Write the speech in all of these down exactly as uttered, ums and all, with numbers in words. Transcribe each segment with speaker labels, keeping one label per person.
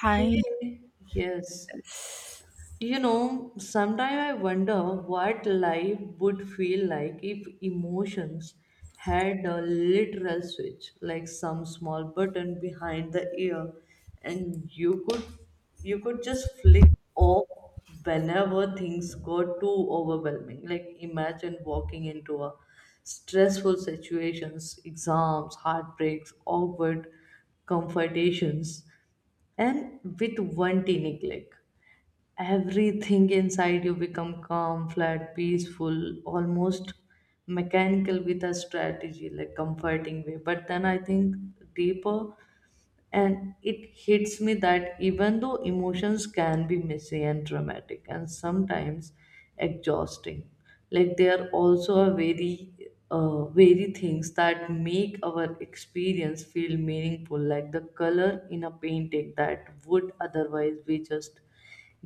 Speaker 1: Hi.
Speaker 2: Hey, yes. You know, sometimes I wonder what life would feel like if emotions had a literal switch, like some small button behind the ear, and you could you could just flick off whenever things got too overwhelming. Like imagine walking into a stressful situations, exams, heartbreaks, awkward confrontations, and with one teeny click everything inside you become calm flat peaceful almost mechanical with a strategy like comforting way, but then I think deeper and it hits me that even though emotions can be messy and dramatic and sometimes exhausting, like they are also a very uh, very things that make our experience feel meaningful, like the color in a painting that would otherwise be just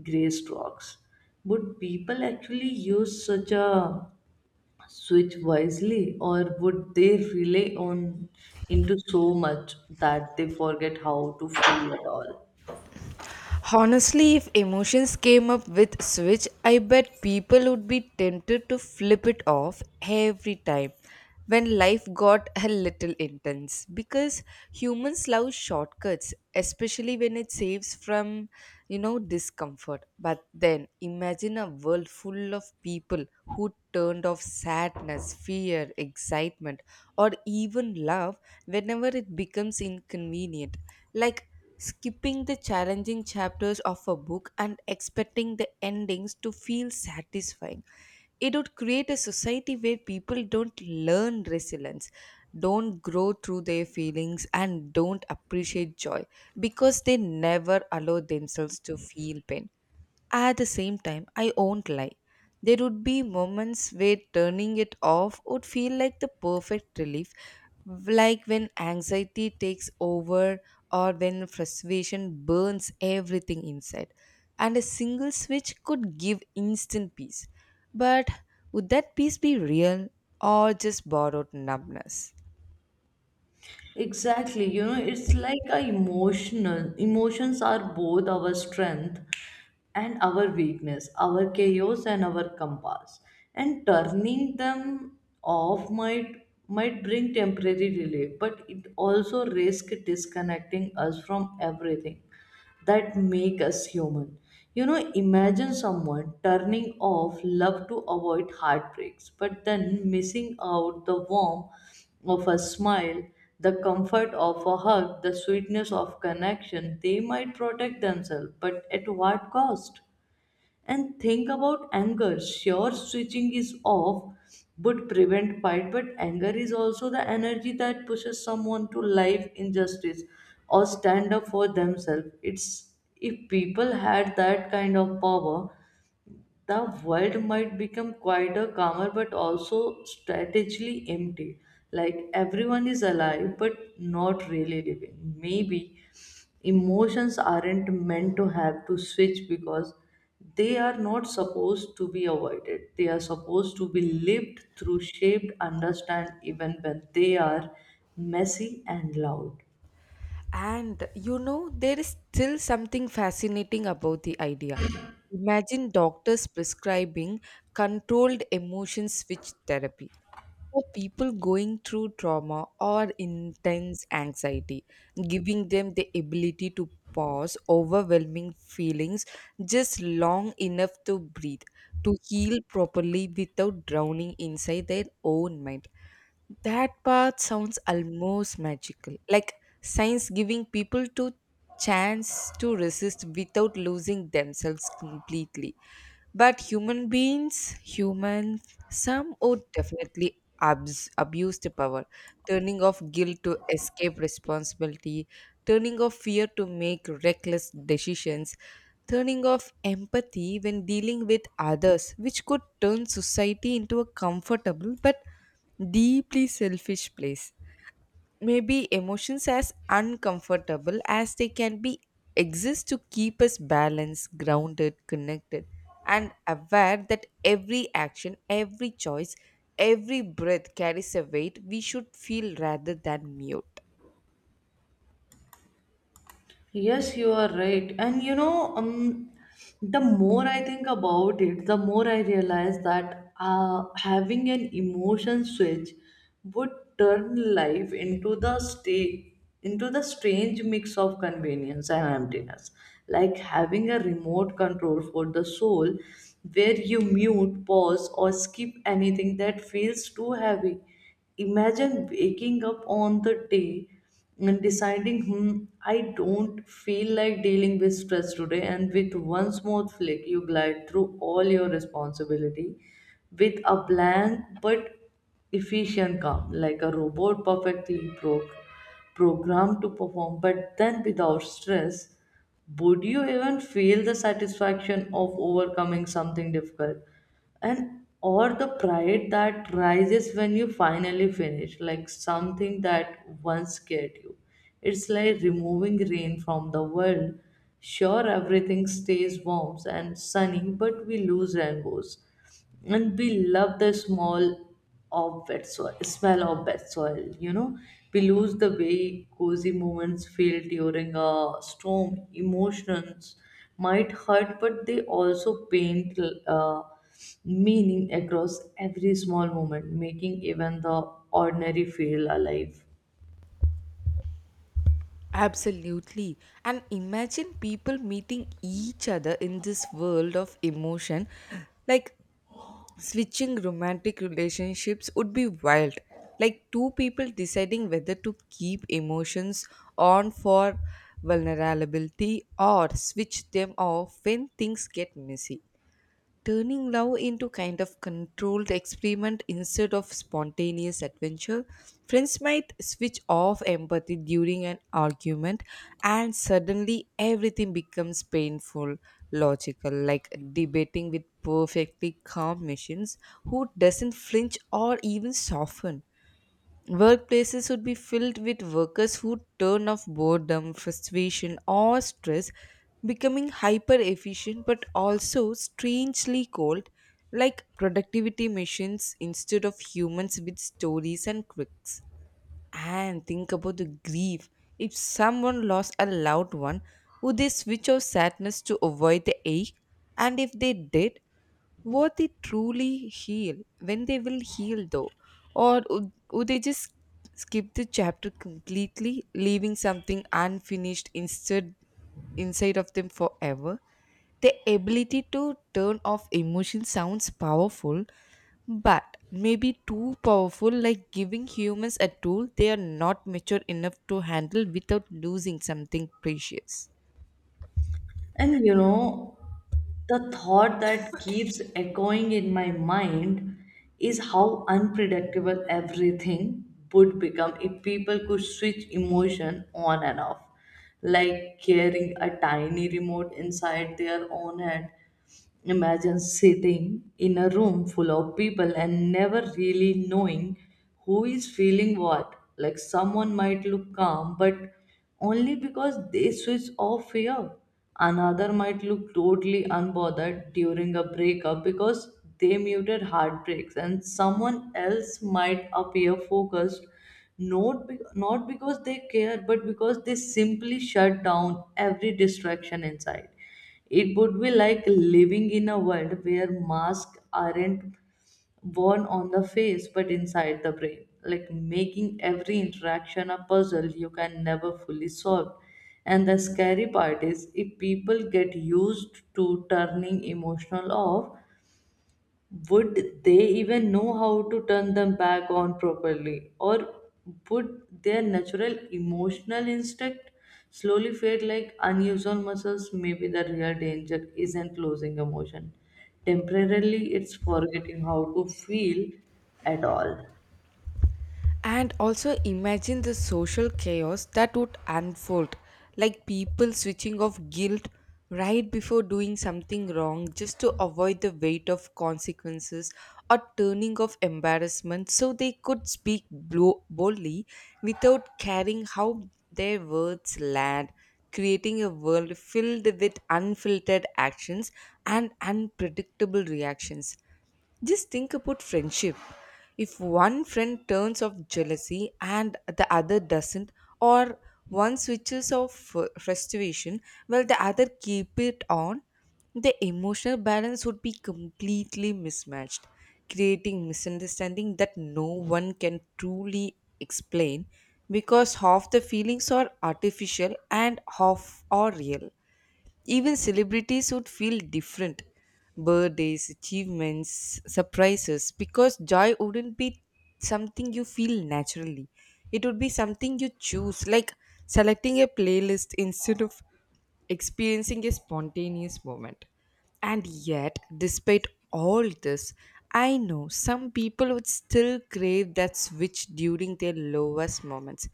Speaker 2: gray strokes. But people actually use such a switch wisely, or would they relay on into so much that they forget how to feel at all.
Speaker 1: Honestly, if emotions came up with Switch, I bet people would be tempted to flip it off every time when life got a little intense because humans love shortcuts, especially when it saves from, you know, discomfort. But then imagine a world full of people who turned off sadness, fear, excitement, or even love whenever it becomes inconvenient, like skipping the challenging chapters of a book and expecting the endings to feel satisfying. It would create a society where people don't learn resilience, don't grow through their feelings, and don't appreciate joy because they never allow themselves to feel pain. At the same time, I won't lie. There would be moments where turning it off would feel like the perfect relief, like when anxiety takes over or when frustration burns everything inside and a single switch could give instant peace. But would that peace be real, or just borrowed numbness?
Speaker 2: Exactly. You know it's like a emotional emotions are both our strength and our weakness, our chaos and our compass, and turning them off might might bring temporary relief, but it also risks disconnecting us from everything that make us human. You know, imagine someone turning off love to avoid heartbreaks, but then missing out the warmth of a smile, the comfort of a hug, the sweetness of connection. They might protect themselves, but at what cost? And think about anger. Sure, switching is off would prevent fight, but anger is also the energy that pushes someone to live injustice or stand up for themselves. It's if people had that kind of power, the world might become quieter, calmer, but also strategically empty. Like everyone is alive, but not really living. Maybe emotions aren't meant to have to switch because they are not supposed to be avoided. They are supposed to be lived through, shaped, understand, even when they are messy and loud.
Speaker 1: And you know there is still something fascinating about the idea. Imagine doctors prescribing controlled emotion switch therapy for people going through trauma or intense anxiety, giving them the ability to pause overwhelming feelings just long enough to breathe, to heal properly without drowning inside their own mind. That part sounds almost magical, like science giving people to chance to resist without losing themselves completely. But human beings, humans, some would definitely abs- abuse the power, turning off guilt to escape responsibility, turning off fear to make reckless decisions, turning off empathy when dealing with others, which could turn society into a comfortable but deeply selfish place. Maybe emotions, as uncomfortable as they can be, exist to keep us balanced, grounded, connected, and aware that every action, every choice, every breath carries a weight we should feel rather than mute.
Speaker 2: Yes, you are right. And you know, um, the more I think about it, the more I realize that uh, having an emotion switch would turn life into the stay into the strange mix of convenience and emptiness. Like having a remote control for the soul where you mute, pause, or skip anything that feels too heavy. Imagine waking up on the day and deciding, hmm, I don't feel like dealing with stress today, and with one smooth flick, you glide through all your responsibility with a blank but efficient calm, like a robot perfectly pro- programmed to perform, but then without stress. Would you even feel the satisfaction of overcoming something difficult? And or the pride that rises when you finally finish like something that once scared you. It's like removing rain from the world. Sure, everything stays warm and sunny, but we lose rainbows, and we love the small of wet soil smell of wet soil you know We lose the way cozy moments feel during a storm. Emotions might hurt, but they also paint uh, meaning across every small moment, making even the ordinary feel alive.
Speaker 1: Absolutely. And imagine people meeting each other in this world of emotion. Like switching romantic relationships would be wild, like two people deciding whether to keep emotions on for vulnerability or switch them off when things get messy, turning love into kind of controlled experiment instead of spontaneous adventure. Friends might switch off empathy during an argument, and suddenly everything becomes painful, logical, like debating with perfectly calm machines who doesn't flinch or even soften. Workplaces would be filled with workers who turn off boredom, frustration, or stress, becoming hyper efficient but also strangely cold, like productivity machines instead of humans with stories and quirks. And think about the grief. If someone lost a loved one, would they switch off sadness to avoid the ache? And if they did, would they truly heal when they will heal though? Or would, would they just skip the chapter completely, leaving something unfinished instead inside of them forever? The ability to turn off emotion sounds powerful, but maybe too powerful, like giving humans a tool they are not mature enough to handle without losing something precious.
Speaker 2: And you know, the thought that keeps echoing in my mind is how unpredictable everything would become if people could switch emotion on and off, like carrying a tiny remote inside their own head. Imagine sitting in a room full of people and never really knowing who is feeling what. Like someone might look calm, but only because they switch off fear. Another might look totally unbothered during a breakup because they muted heartbreaks, and someone else might appear focused not, be- not because they care, but because they simply shut down every distraction inside. It would be like living in a world where masks aren't worn on the face but inside the brain, like making every interaction a puzzle you can never fully solve. And the scary part is if people get used to turning emotional off, would they even know how to turn them back on properly? Or would their natural emotional instinct slowly fade like unused muscles? Maybe the real danger isn't losing emotion. Temporarily, it's forgetting how to feel at all.
Speaker 1: And also imagine the social chaos that would unfold, like people switching off guilt right before doing something wrong just to avoid the weight of consequences, or turning off embarrassment so they could speak blo- boldly without caring how their words land, creating a world filled with unfiltered actions and unpredictable reactions. Just think about friendship. If one friend turns off jealousy and the other doesn't, or one switches off uh, frustration while the other keep it on, the emotional balance would be completely mismatched, creating misunderstanding that no one can truly explain because half the feelings are artificial and half are real. Even celebrities would feel different birthdays, achievements, surprises because joy wouldn't be something you feel naturally. It would be something you choose, like selecting a playlist instead of experiencing a spontaneous moment. And yet, despite all this, I know some people would still crave that switch during their lowest moments,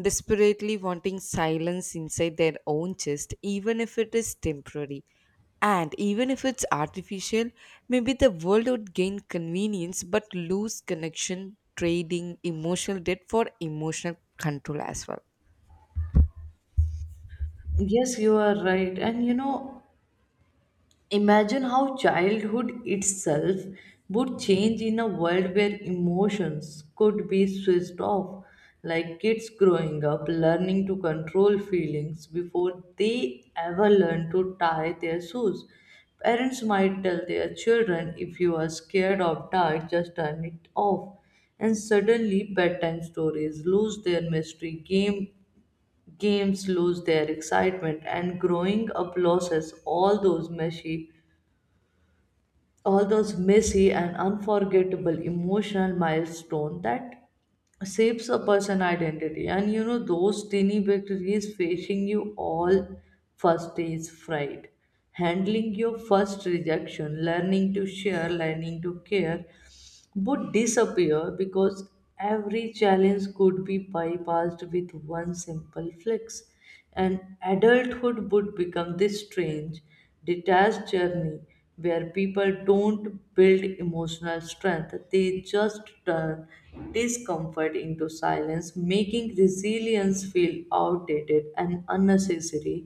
Speaker 1: desperately wanting silence inside their own chest, even if it is temporary. And even if it's artificial, maybe the world would gain convenience but lose connection, trading emotional debt for emotional control as well.
Speaker 2: Yes, you are right. And you know, imagine how childhood itself would change in a world where emotions could be switched off, like kids growing up learning to control feelings before they ever learn to tie their shoes. Parents might tell their children, if you are scared of dark, just turn it off. And suddenly, bedtime stories lose their mystery, game, games lose their excitement, and growing up loses all those meshy all those messy and unforgettable emotional milestones that shapes a person identity and you know Those tiny victories facing you all, first days' fright, handling your first rejection, learning to share, learning to care would disappear because every challenge could be bypassed with one simple flex, and adulthood would become this strange, detached journey where people don't build emotional strength, they just turn discomfort into silence, making resilience feel outdated and unnecessary.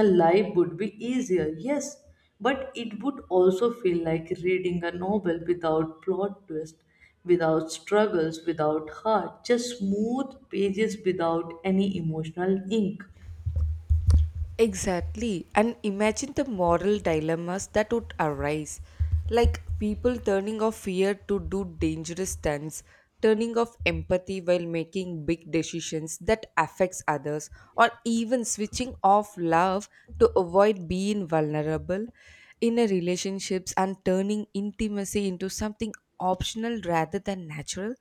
Speaker 2: A life would be easier, yes, but it would also feel like reading a novel without plot twist, without struggles, without heart, just smooth pages without any emotional ink.
Speaker 1: Exactly. And imagine the moral dilemmas that would arise. Like people turning off fear to do dangerous stunts, turning off empathy while making big decisions that affects others, or even switching off love to avoid being vulnerable in a relationships and turning intimacy into something optional rather than natural.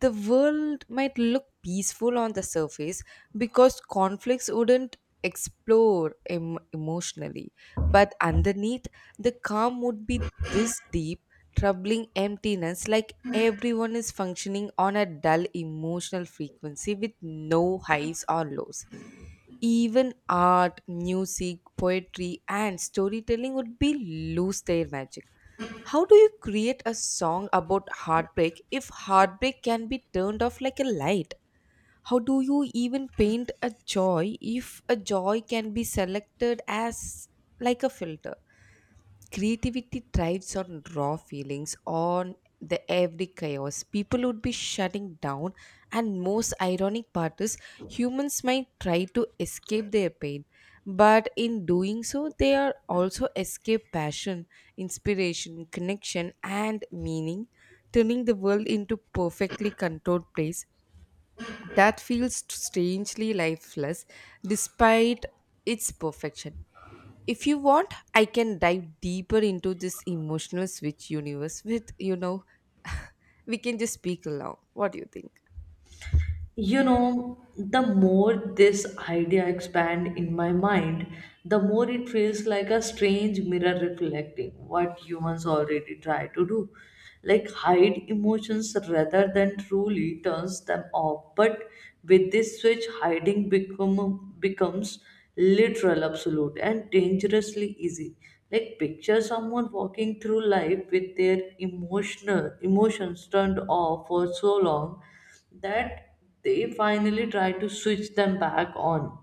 Speaker 1: The world might look peaceful on the surface because conflicts wouldn't explore em- emotionally, but underneath the calm would be this deep, troubling emptiness, like everyone is functioning on a dull emotional frequency with no highs or lows. Even art, music, poetry and storytelling would be lose their magic. How do you create a song about heartbreak if heartbreak can be turned off like a light? How do you even paint a joy if a joy can be selected as like a filter? Creativity thrives on raw feelings, on the every chaos people would be shutting down. And most ironic part is, humans might try to escape their pain, but in doing so they are also escape passion, inspiration, connection and meaning, turning the world into perfectly controlled place that feels strangely lifeless despite its perfection. If you want, I can dive deeper into this emotional switch universe with you know we can just speak along. What do you think?
Speaker 2: you know The more this idea expand in my mind, the more it feels like a strange mirror reflecting what humans already try to do, like hide emotions rather than truly turns them off. But with this switch, hiding become becomes literal, absolute, and dangerously easy. Like picture someone walking through life with their emotional emotions turned off for so long that they finally try to switch them back on.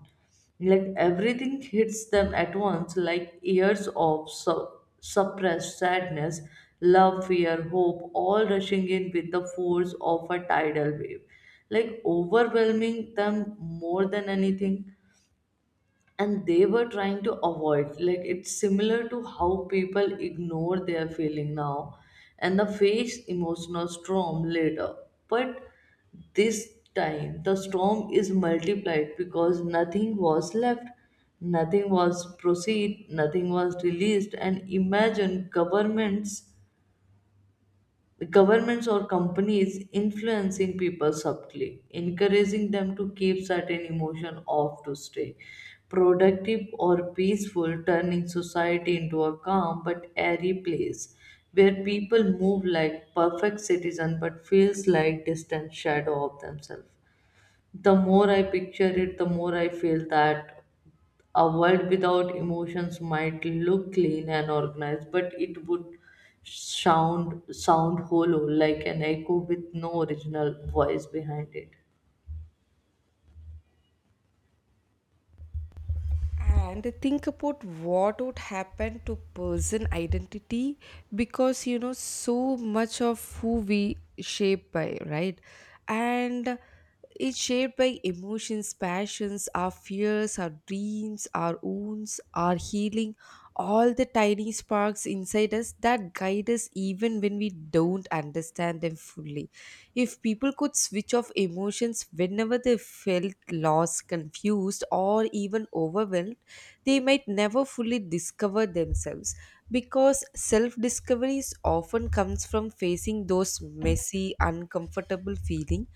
Speaker 2: Like everything hits them at once, like years of su- suppressed sadness, love, fear, hope, all rushing in with the force of a tidal wave, like overwhelming them more than anything, and they were trying to avoid. Like it's similar to how people ignore their feeling now and the face emotional storm later. But this time the storm is multiplied because nothing was left, nothing was proceed, nothing was released. And imagine governments governments or companies influencing people subtly, encouraging them to keep certain emotion off to stay productive or peaceful, turning society into a calm but airy place where people move like perfect citizen but feels like distant shadow of themselves. The more I picture it, the more I feel that a world without emotions might look clean and organized, but it would sound sound hollow, like an echo with no original voice behind it.
Speaker 1: And think about what would happen to person identity, because you know so much of who we shape by, right? And it's shaped by emotions, passions, our fears, our dreams, our wounds, our healing, all the tiny sparks inside us that guide us even when we don't understand them fully. If people could switch off emotions whenever they felt lost, confused, or even overwhelmed, they might never fully discover themselves because self discovery often comes from facing those messy, uncomfortable feelings.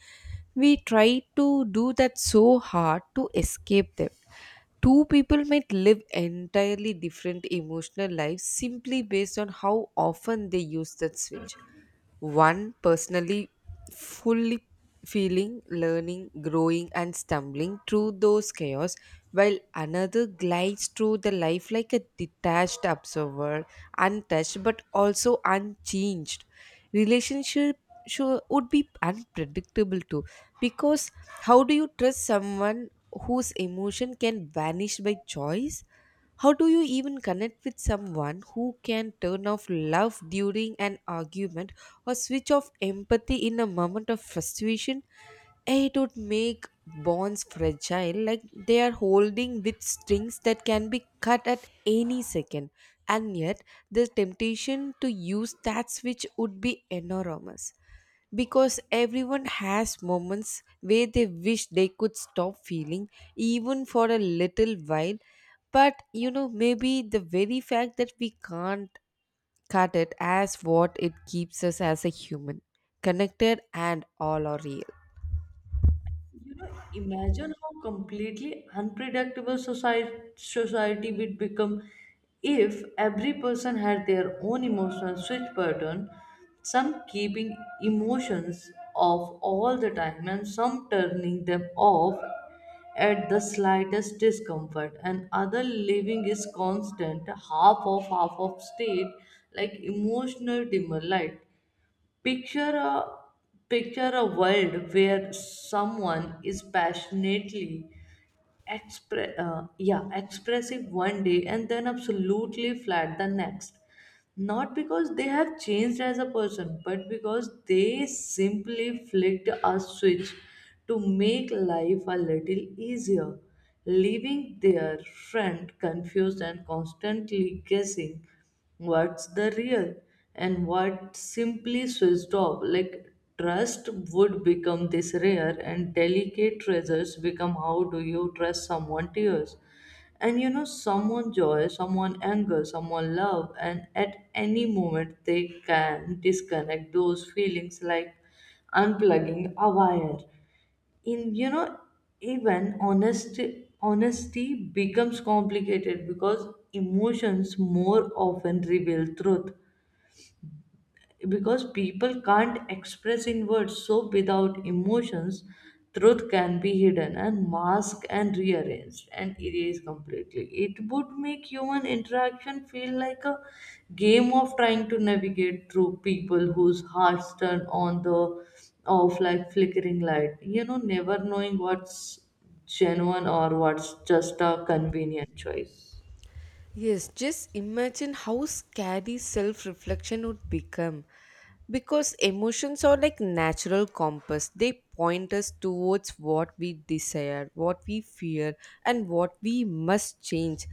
Speaker 1: We try to do that so hard to escape them. Two people might live entirely different emotional lives simply based on how often they use that switch. One personally fully feeling, learning, growing, and stumbling through those chaos, while another glides through the life like a detached observer, untouched but also unchanged. Relationship sure would be unpredictable too, because how do you trust someone whose emotion can vanish by choice? How do you even connect with someone who can turn off love during an argument or switch off empathy in a moment of frustration? Eh, It would make bonds fragile, like they are holding with strings that can be cut at any second. And yet, the temptation to use that switch would be enormous because everyone has moments where they wish they could stop feeling even for a little while. But you know maybe the very fact that we can't cut it as what it keeps us as a human, connected and all are real.
Speaker 2: You know, imagine how completely unpredictable society society would become if every person had their own emotional switch pattern, some keeping emotions off all the time, and some turning them off at the slightest discomfort, and other living is constant half off half off state, like emotional dimmer light. Picture a picture a world where someone is passionately expre- uh, yeah expressive one day and then absolutely flat the next, not because they have changed as a person, but because they simply flicked a switch to make life a little easier, leaving their friend confused and constantly guessing what's the real and what simply switched off. Like trust would become this rare and delicate treasures become how do you trust someone to yours and you know, someone joy, someone anger, someone love, and at any moment they can disconnect those feelings like unplugging a wire. In you know, Even honesty honesty becomes complicated because emotions more often reveal truth because people can't express in words, so without emotions, truth can be hidden and masked and rearranged and erased completely. It would make human interaction feel like a game of trying to navigate through people whose hearts turn on the off like flickering light you know never knowing what's genuine or what's just a convenient choice.
Speaker 1: Yes, just imagine how scary self reflection would become. Because emotions are like natural compass, they point us towards what we desire, what we fear, and what we must change,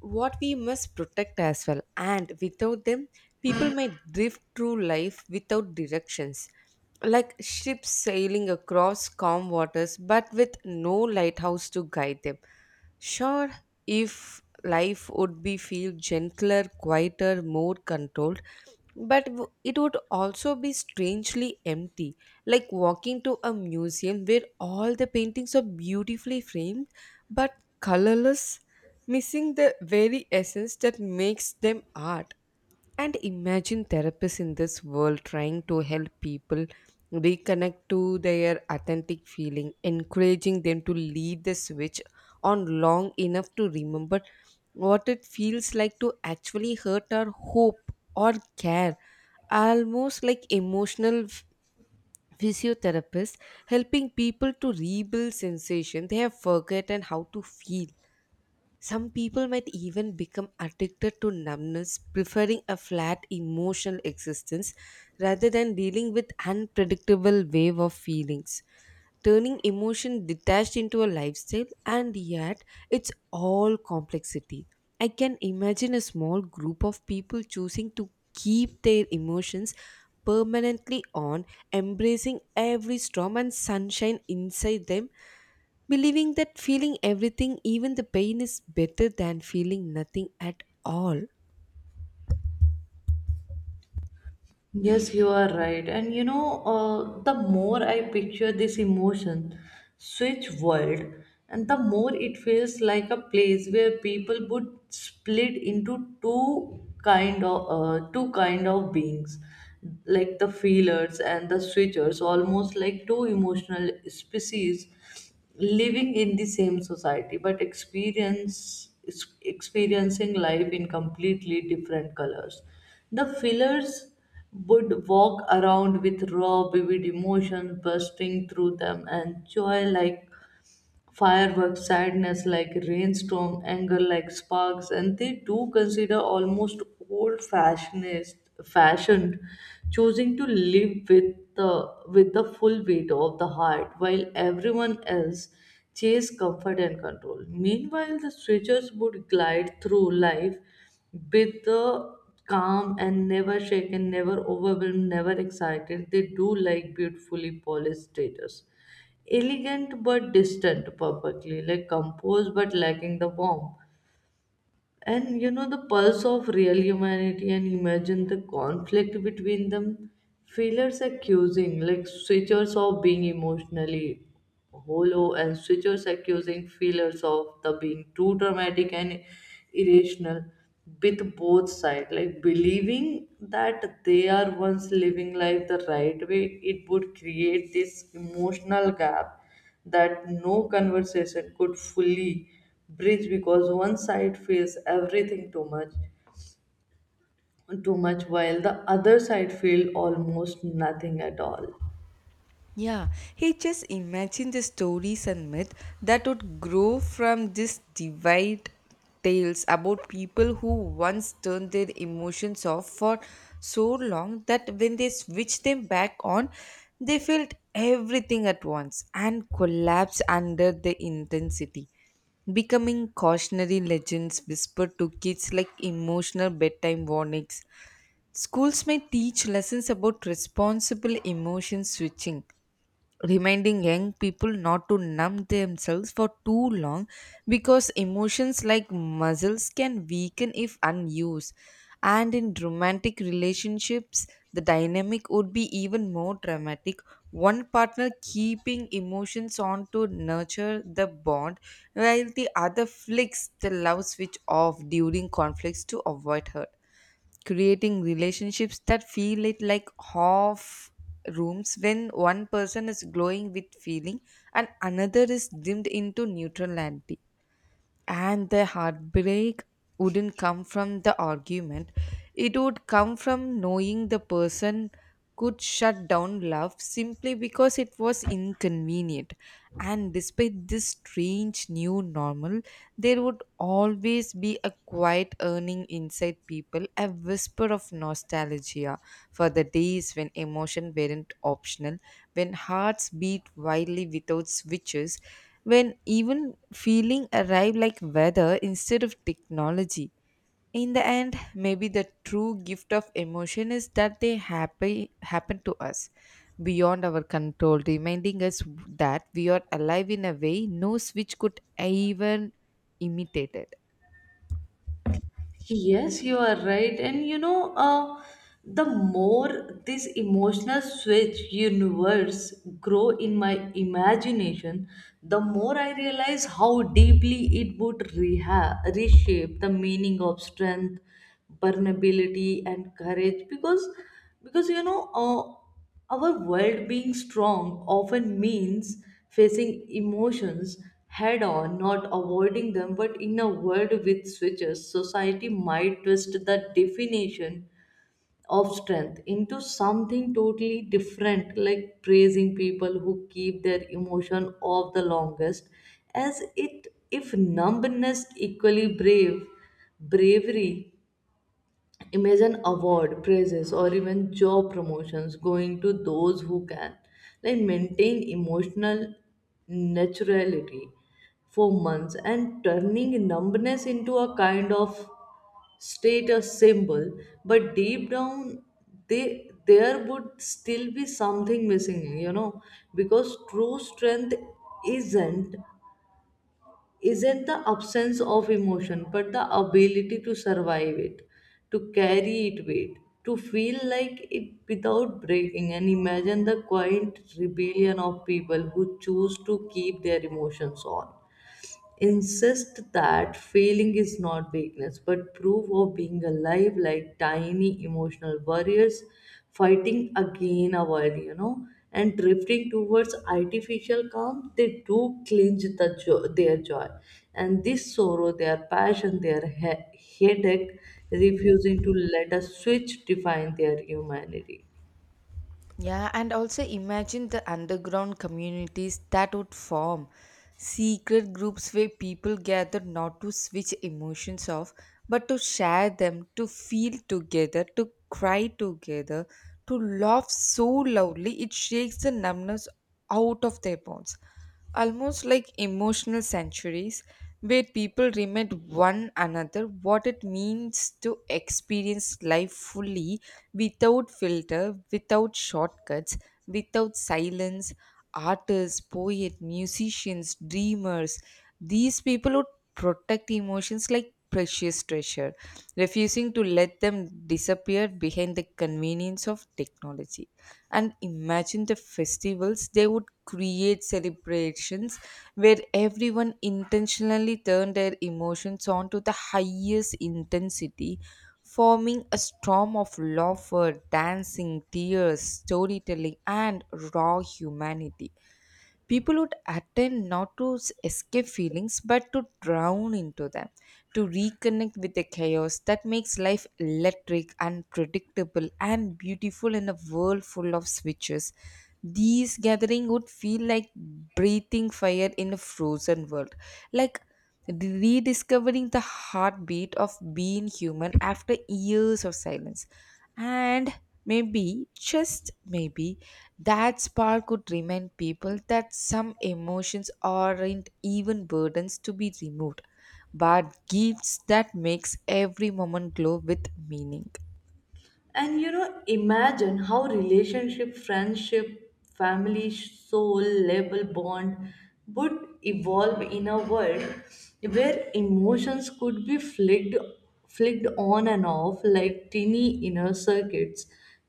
Speaker 1: what we must protect as well. And without them, people might drift through life without directions, like ships sailing across calm waters but with no lighthouse to guide them. Sure, if life would be feel gentler, quieter, more controlled, but w- it would also be strangely empty, like walking to a museum where all the paintings are beautifully framed but colorless, missing the very essence that makes them art. And imagine therapists in this world trying to help people reconnect to their authentic feeling, encouraging them to leave the switch on long enough to remember what it feels like to actually hurt our hope or care, almost like emotional f- physiotherapists helping people to rebuild sensation they have forgotten how to feel. Some people might even become addicted to numbness, preferring a flat emotional existence rather than dealing with unpredictable wave of feelings, turning emotion detached into a lifestyle, and yet it's all complexity. I can imagine a small group of people choosing to keep their emotions permanently on, embracing every storm and sunshine inside them, believing that feeling everything, even the pain, is better than feeling nothing at all.
Speaker 2: Yes, you are right. And you know, uh, the more I picture this emotion switch world, and the more it feels like a place where people would split into two kind of uh, two kind of beings, like the feelers and the switchers, almost like two emotional species living in the same society but experience experiencing life in completely different colors. The fillers would walk around with raw, vivid emotions bursting through them, and joy like fireworks, sadness like rainstorm, anger like sparks, and they do consider almost old fashioned fashioned, choosing to live with the with the full weight of the heart, while everyone else chase comfort and control. Meanwhile, the switchers would glide through life with the calm and never shaken, never overwhelmed, never excited. They do like beautifully polished status, elegant but distant, perfectly like composed but lacking the warmth and you know the pulse of real humanity. And imagine the conflict between them, failures accusing like switchers of being emotionally hollow, and switchers accusing failures of the being too dramatic and irrational, with both sides like believing that they are once living life the right way. It would create this emotional gap that no conversation could fully bridge because one side feels everything too much too much while the other side feel almost nothing at all.
Speaker 1: Yeah, he just imagined the stories and myth that would grow from these divide, tales about people who once turned their emotions off for so long that when they switched them back on, they felt everything at once and collapsed under the intensity, becoming cautionary legends whispered to kids like emotional bedtime warnings. Schools may teach lessons about responsible emotion switching, reminding young people not to numb themselves for too long because emotions like muscles can weaken if unused. And in romantic relationships the dynamic would be even more dramatic, one partner keeping emotions on to nurture the bond while the other flicks the love switch off during conflicts to avoid hurt, creating relationships that feel it like half rooms when one person is glowing with feeling and another is dimmed into neutrality. And the heartbreak wouldn't come from the argument, it would come from knowing the person could shut down love simply because it was inconvenient. And despite this strange new normal, there would always be a quiet yearning inside people, a whisper of nostalgia for the days when emotion weren't optional, when hearts beat wildly without switches, when even feeling arrive like weather instead of technology. In the end, maybe the true gift of emotion is that they happy, happen to us beyond our control, reminding us that we are alive in a way no switch could even imitate. It.
Speaker 2: Yes, you are right. And you know, uh, the more this emotional switch universe grow in my imagination, the more I realize how deeply it would reha- reshape the meaning of strength, vulnerability, and courage. Because, because you know, uh, our world being strong often means facing emotions head on, not avoiding them. But in a world with switches, society might twist the definition of strength into something totally different, like praising people who keep their emotion off the longest, as it if numbness equally brave bravery. Imagine award praises or even job promotions going to those who can like maintain emotional naturality for months and turning numbness into a kind of status symbol. But deep down they there would still be something missing you know because true strength isn't isn't the absence of emotion, but the ability to survive it, to carry it with, to feel like it without breaking. And imagine the quiet rebellion of people who choose to keep their emotions on, insist that failing is not weakness but proof of being alive, like tiny emotional warriors fighting again a while you know and drifting towards artificial calm. They do clinch the jo- their joy and this sorrow, their passion, their he- headache, refusing to let a switch define their humanity.
Speaker 1: Yeah, and also imagine the underground communities that would form. Secret groups where people gather not to switch emotions off, but to share them, to feel together, to cry together, to laugh so loudly it shakes the numbness out of their bones. Almost like emotional sanctuaries where people remind one another what it means to experience life fully, without filter, without shortcuts, without silence. Artists, poets, musicians, dreamers, these people would protect emotions like precious treasure, refusing to let them disappear behind the convenience of technology. And imagine the festivals they would create, celebrations where everyone intentionally turned their emotions on to the highest intensity, forming a storm of laughter, dancing, tears, storytelling, and raw humanity. People would attend not to s- escape feelings but to drown into them, to reconnect with the chaos that makes life electric, unpredictable, and beautiful in a world full of switches. These gathering would feel like breathing fire in a frozen world, like rediscovering the heartbeat of being human after years of silence. And maybe, just maybe, that spark could remind people that some emotions aren't even burdens to be removed, but gifts that makes every moment glow with meaning.
Speaker 2: And you know, imagine how relationship, friendship, family, soul, label, bond would evolve in a world where emotions could be flicked, flicked on and off like tiny inner circuits.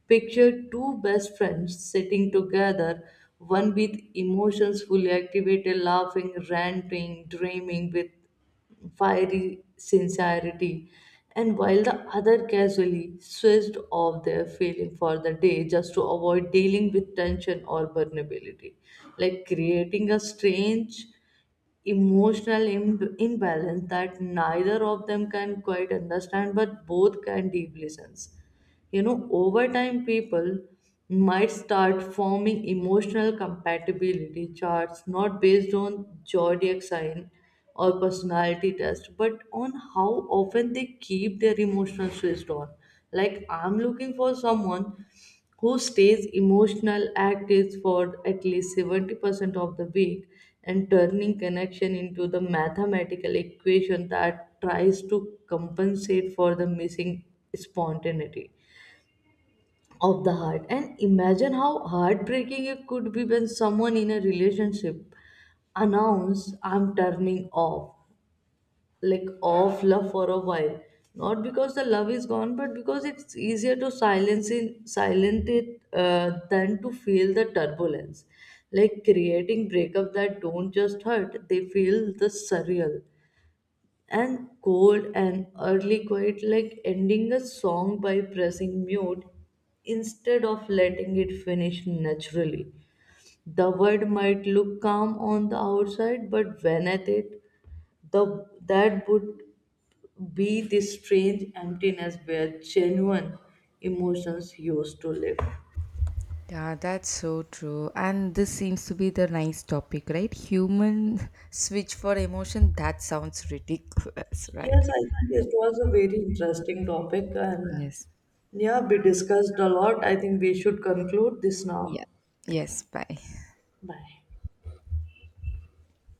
Speaker 2: Picture two best friends sitting together, one with emotions fully activated, laughing, ranting, dreaming with fiery sincerity, and while the other casually switched off their feeling for the day just to avoid dealing with tension or vulnerability, like creating a strange emotional Im- imbalance that neither of them can quite understand but both can deeply sense you know, Over time, people might start forming emotional compatibility charts not based on zodiac sign or personality test, but on how often they keep their emotional switched on. Like, I'm looking for someone who stays emotional active for at least seventy percent of the week, and turning connection into the mathematical equation that tries to compensate for the missing spontaneity of the heart. And imagine how heartbreaking it could be when someone in a relationship announce, I'm turning off like off love for a while, not because the love is gone, but because it's easier to silence in silent it uh, than to feel the turbulence, like creating breakup that don't just hurt, they feel the surreal and cold and early quiet, like ending a song by pressing mute instead of letting it finish naturally. The word might look calm on the outside, but when at it, the that would be the strange emptiness where genuine emotions used to live.
Speaker 1: Yeah, that's so true. And this seems to be the nice topic, right? Human switch for emotion, that sounds ridiculous, right?
Speaker 2: Yes, I think it was a very interesting topic, and
Speaker 1: Yes.
Speaker 2: yeah, we discussed a lot. I think we should conclude this now.
Speaker 1: Yeah. Yes. Bye.
Speaker 2: Bye.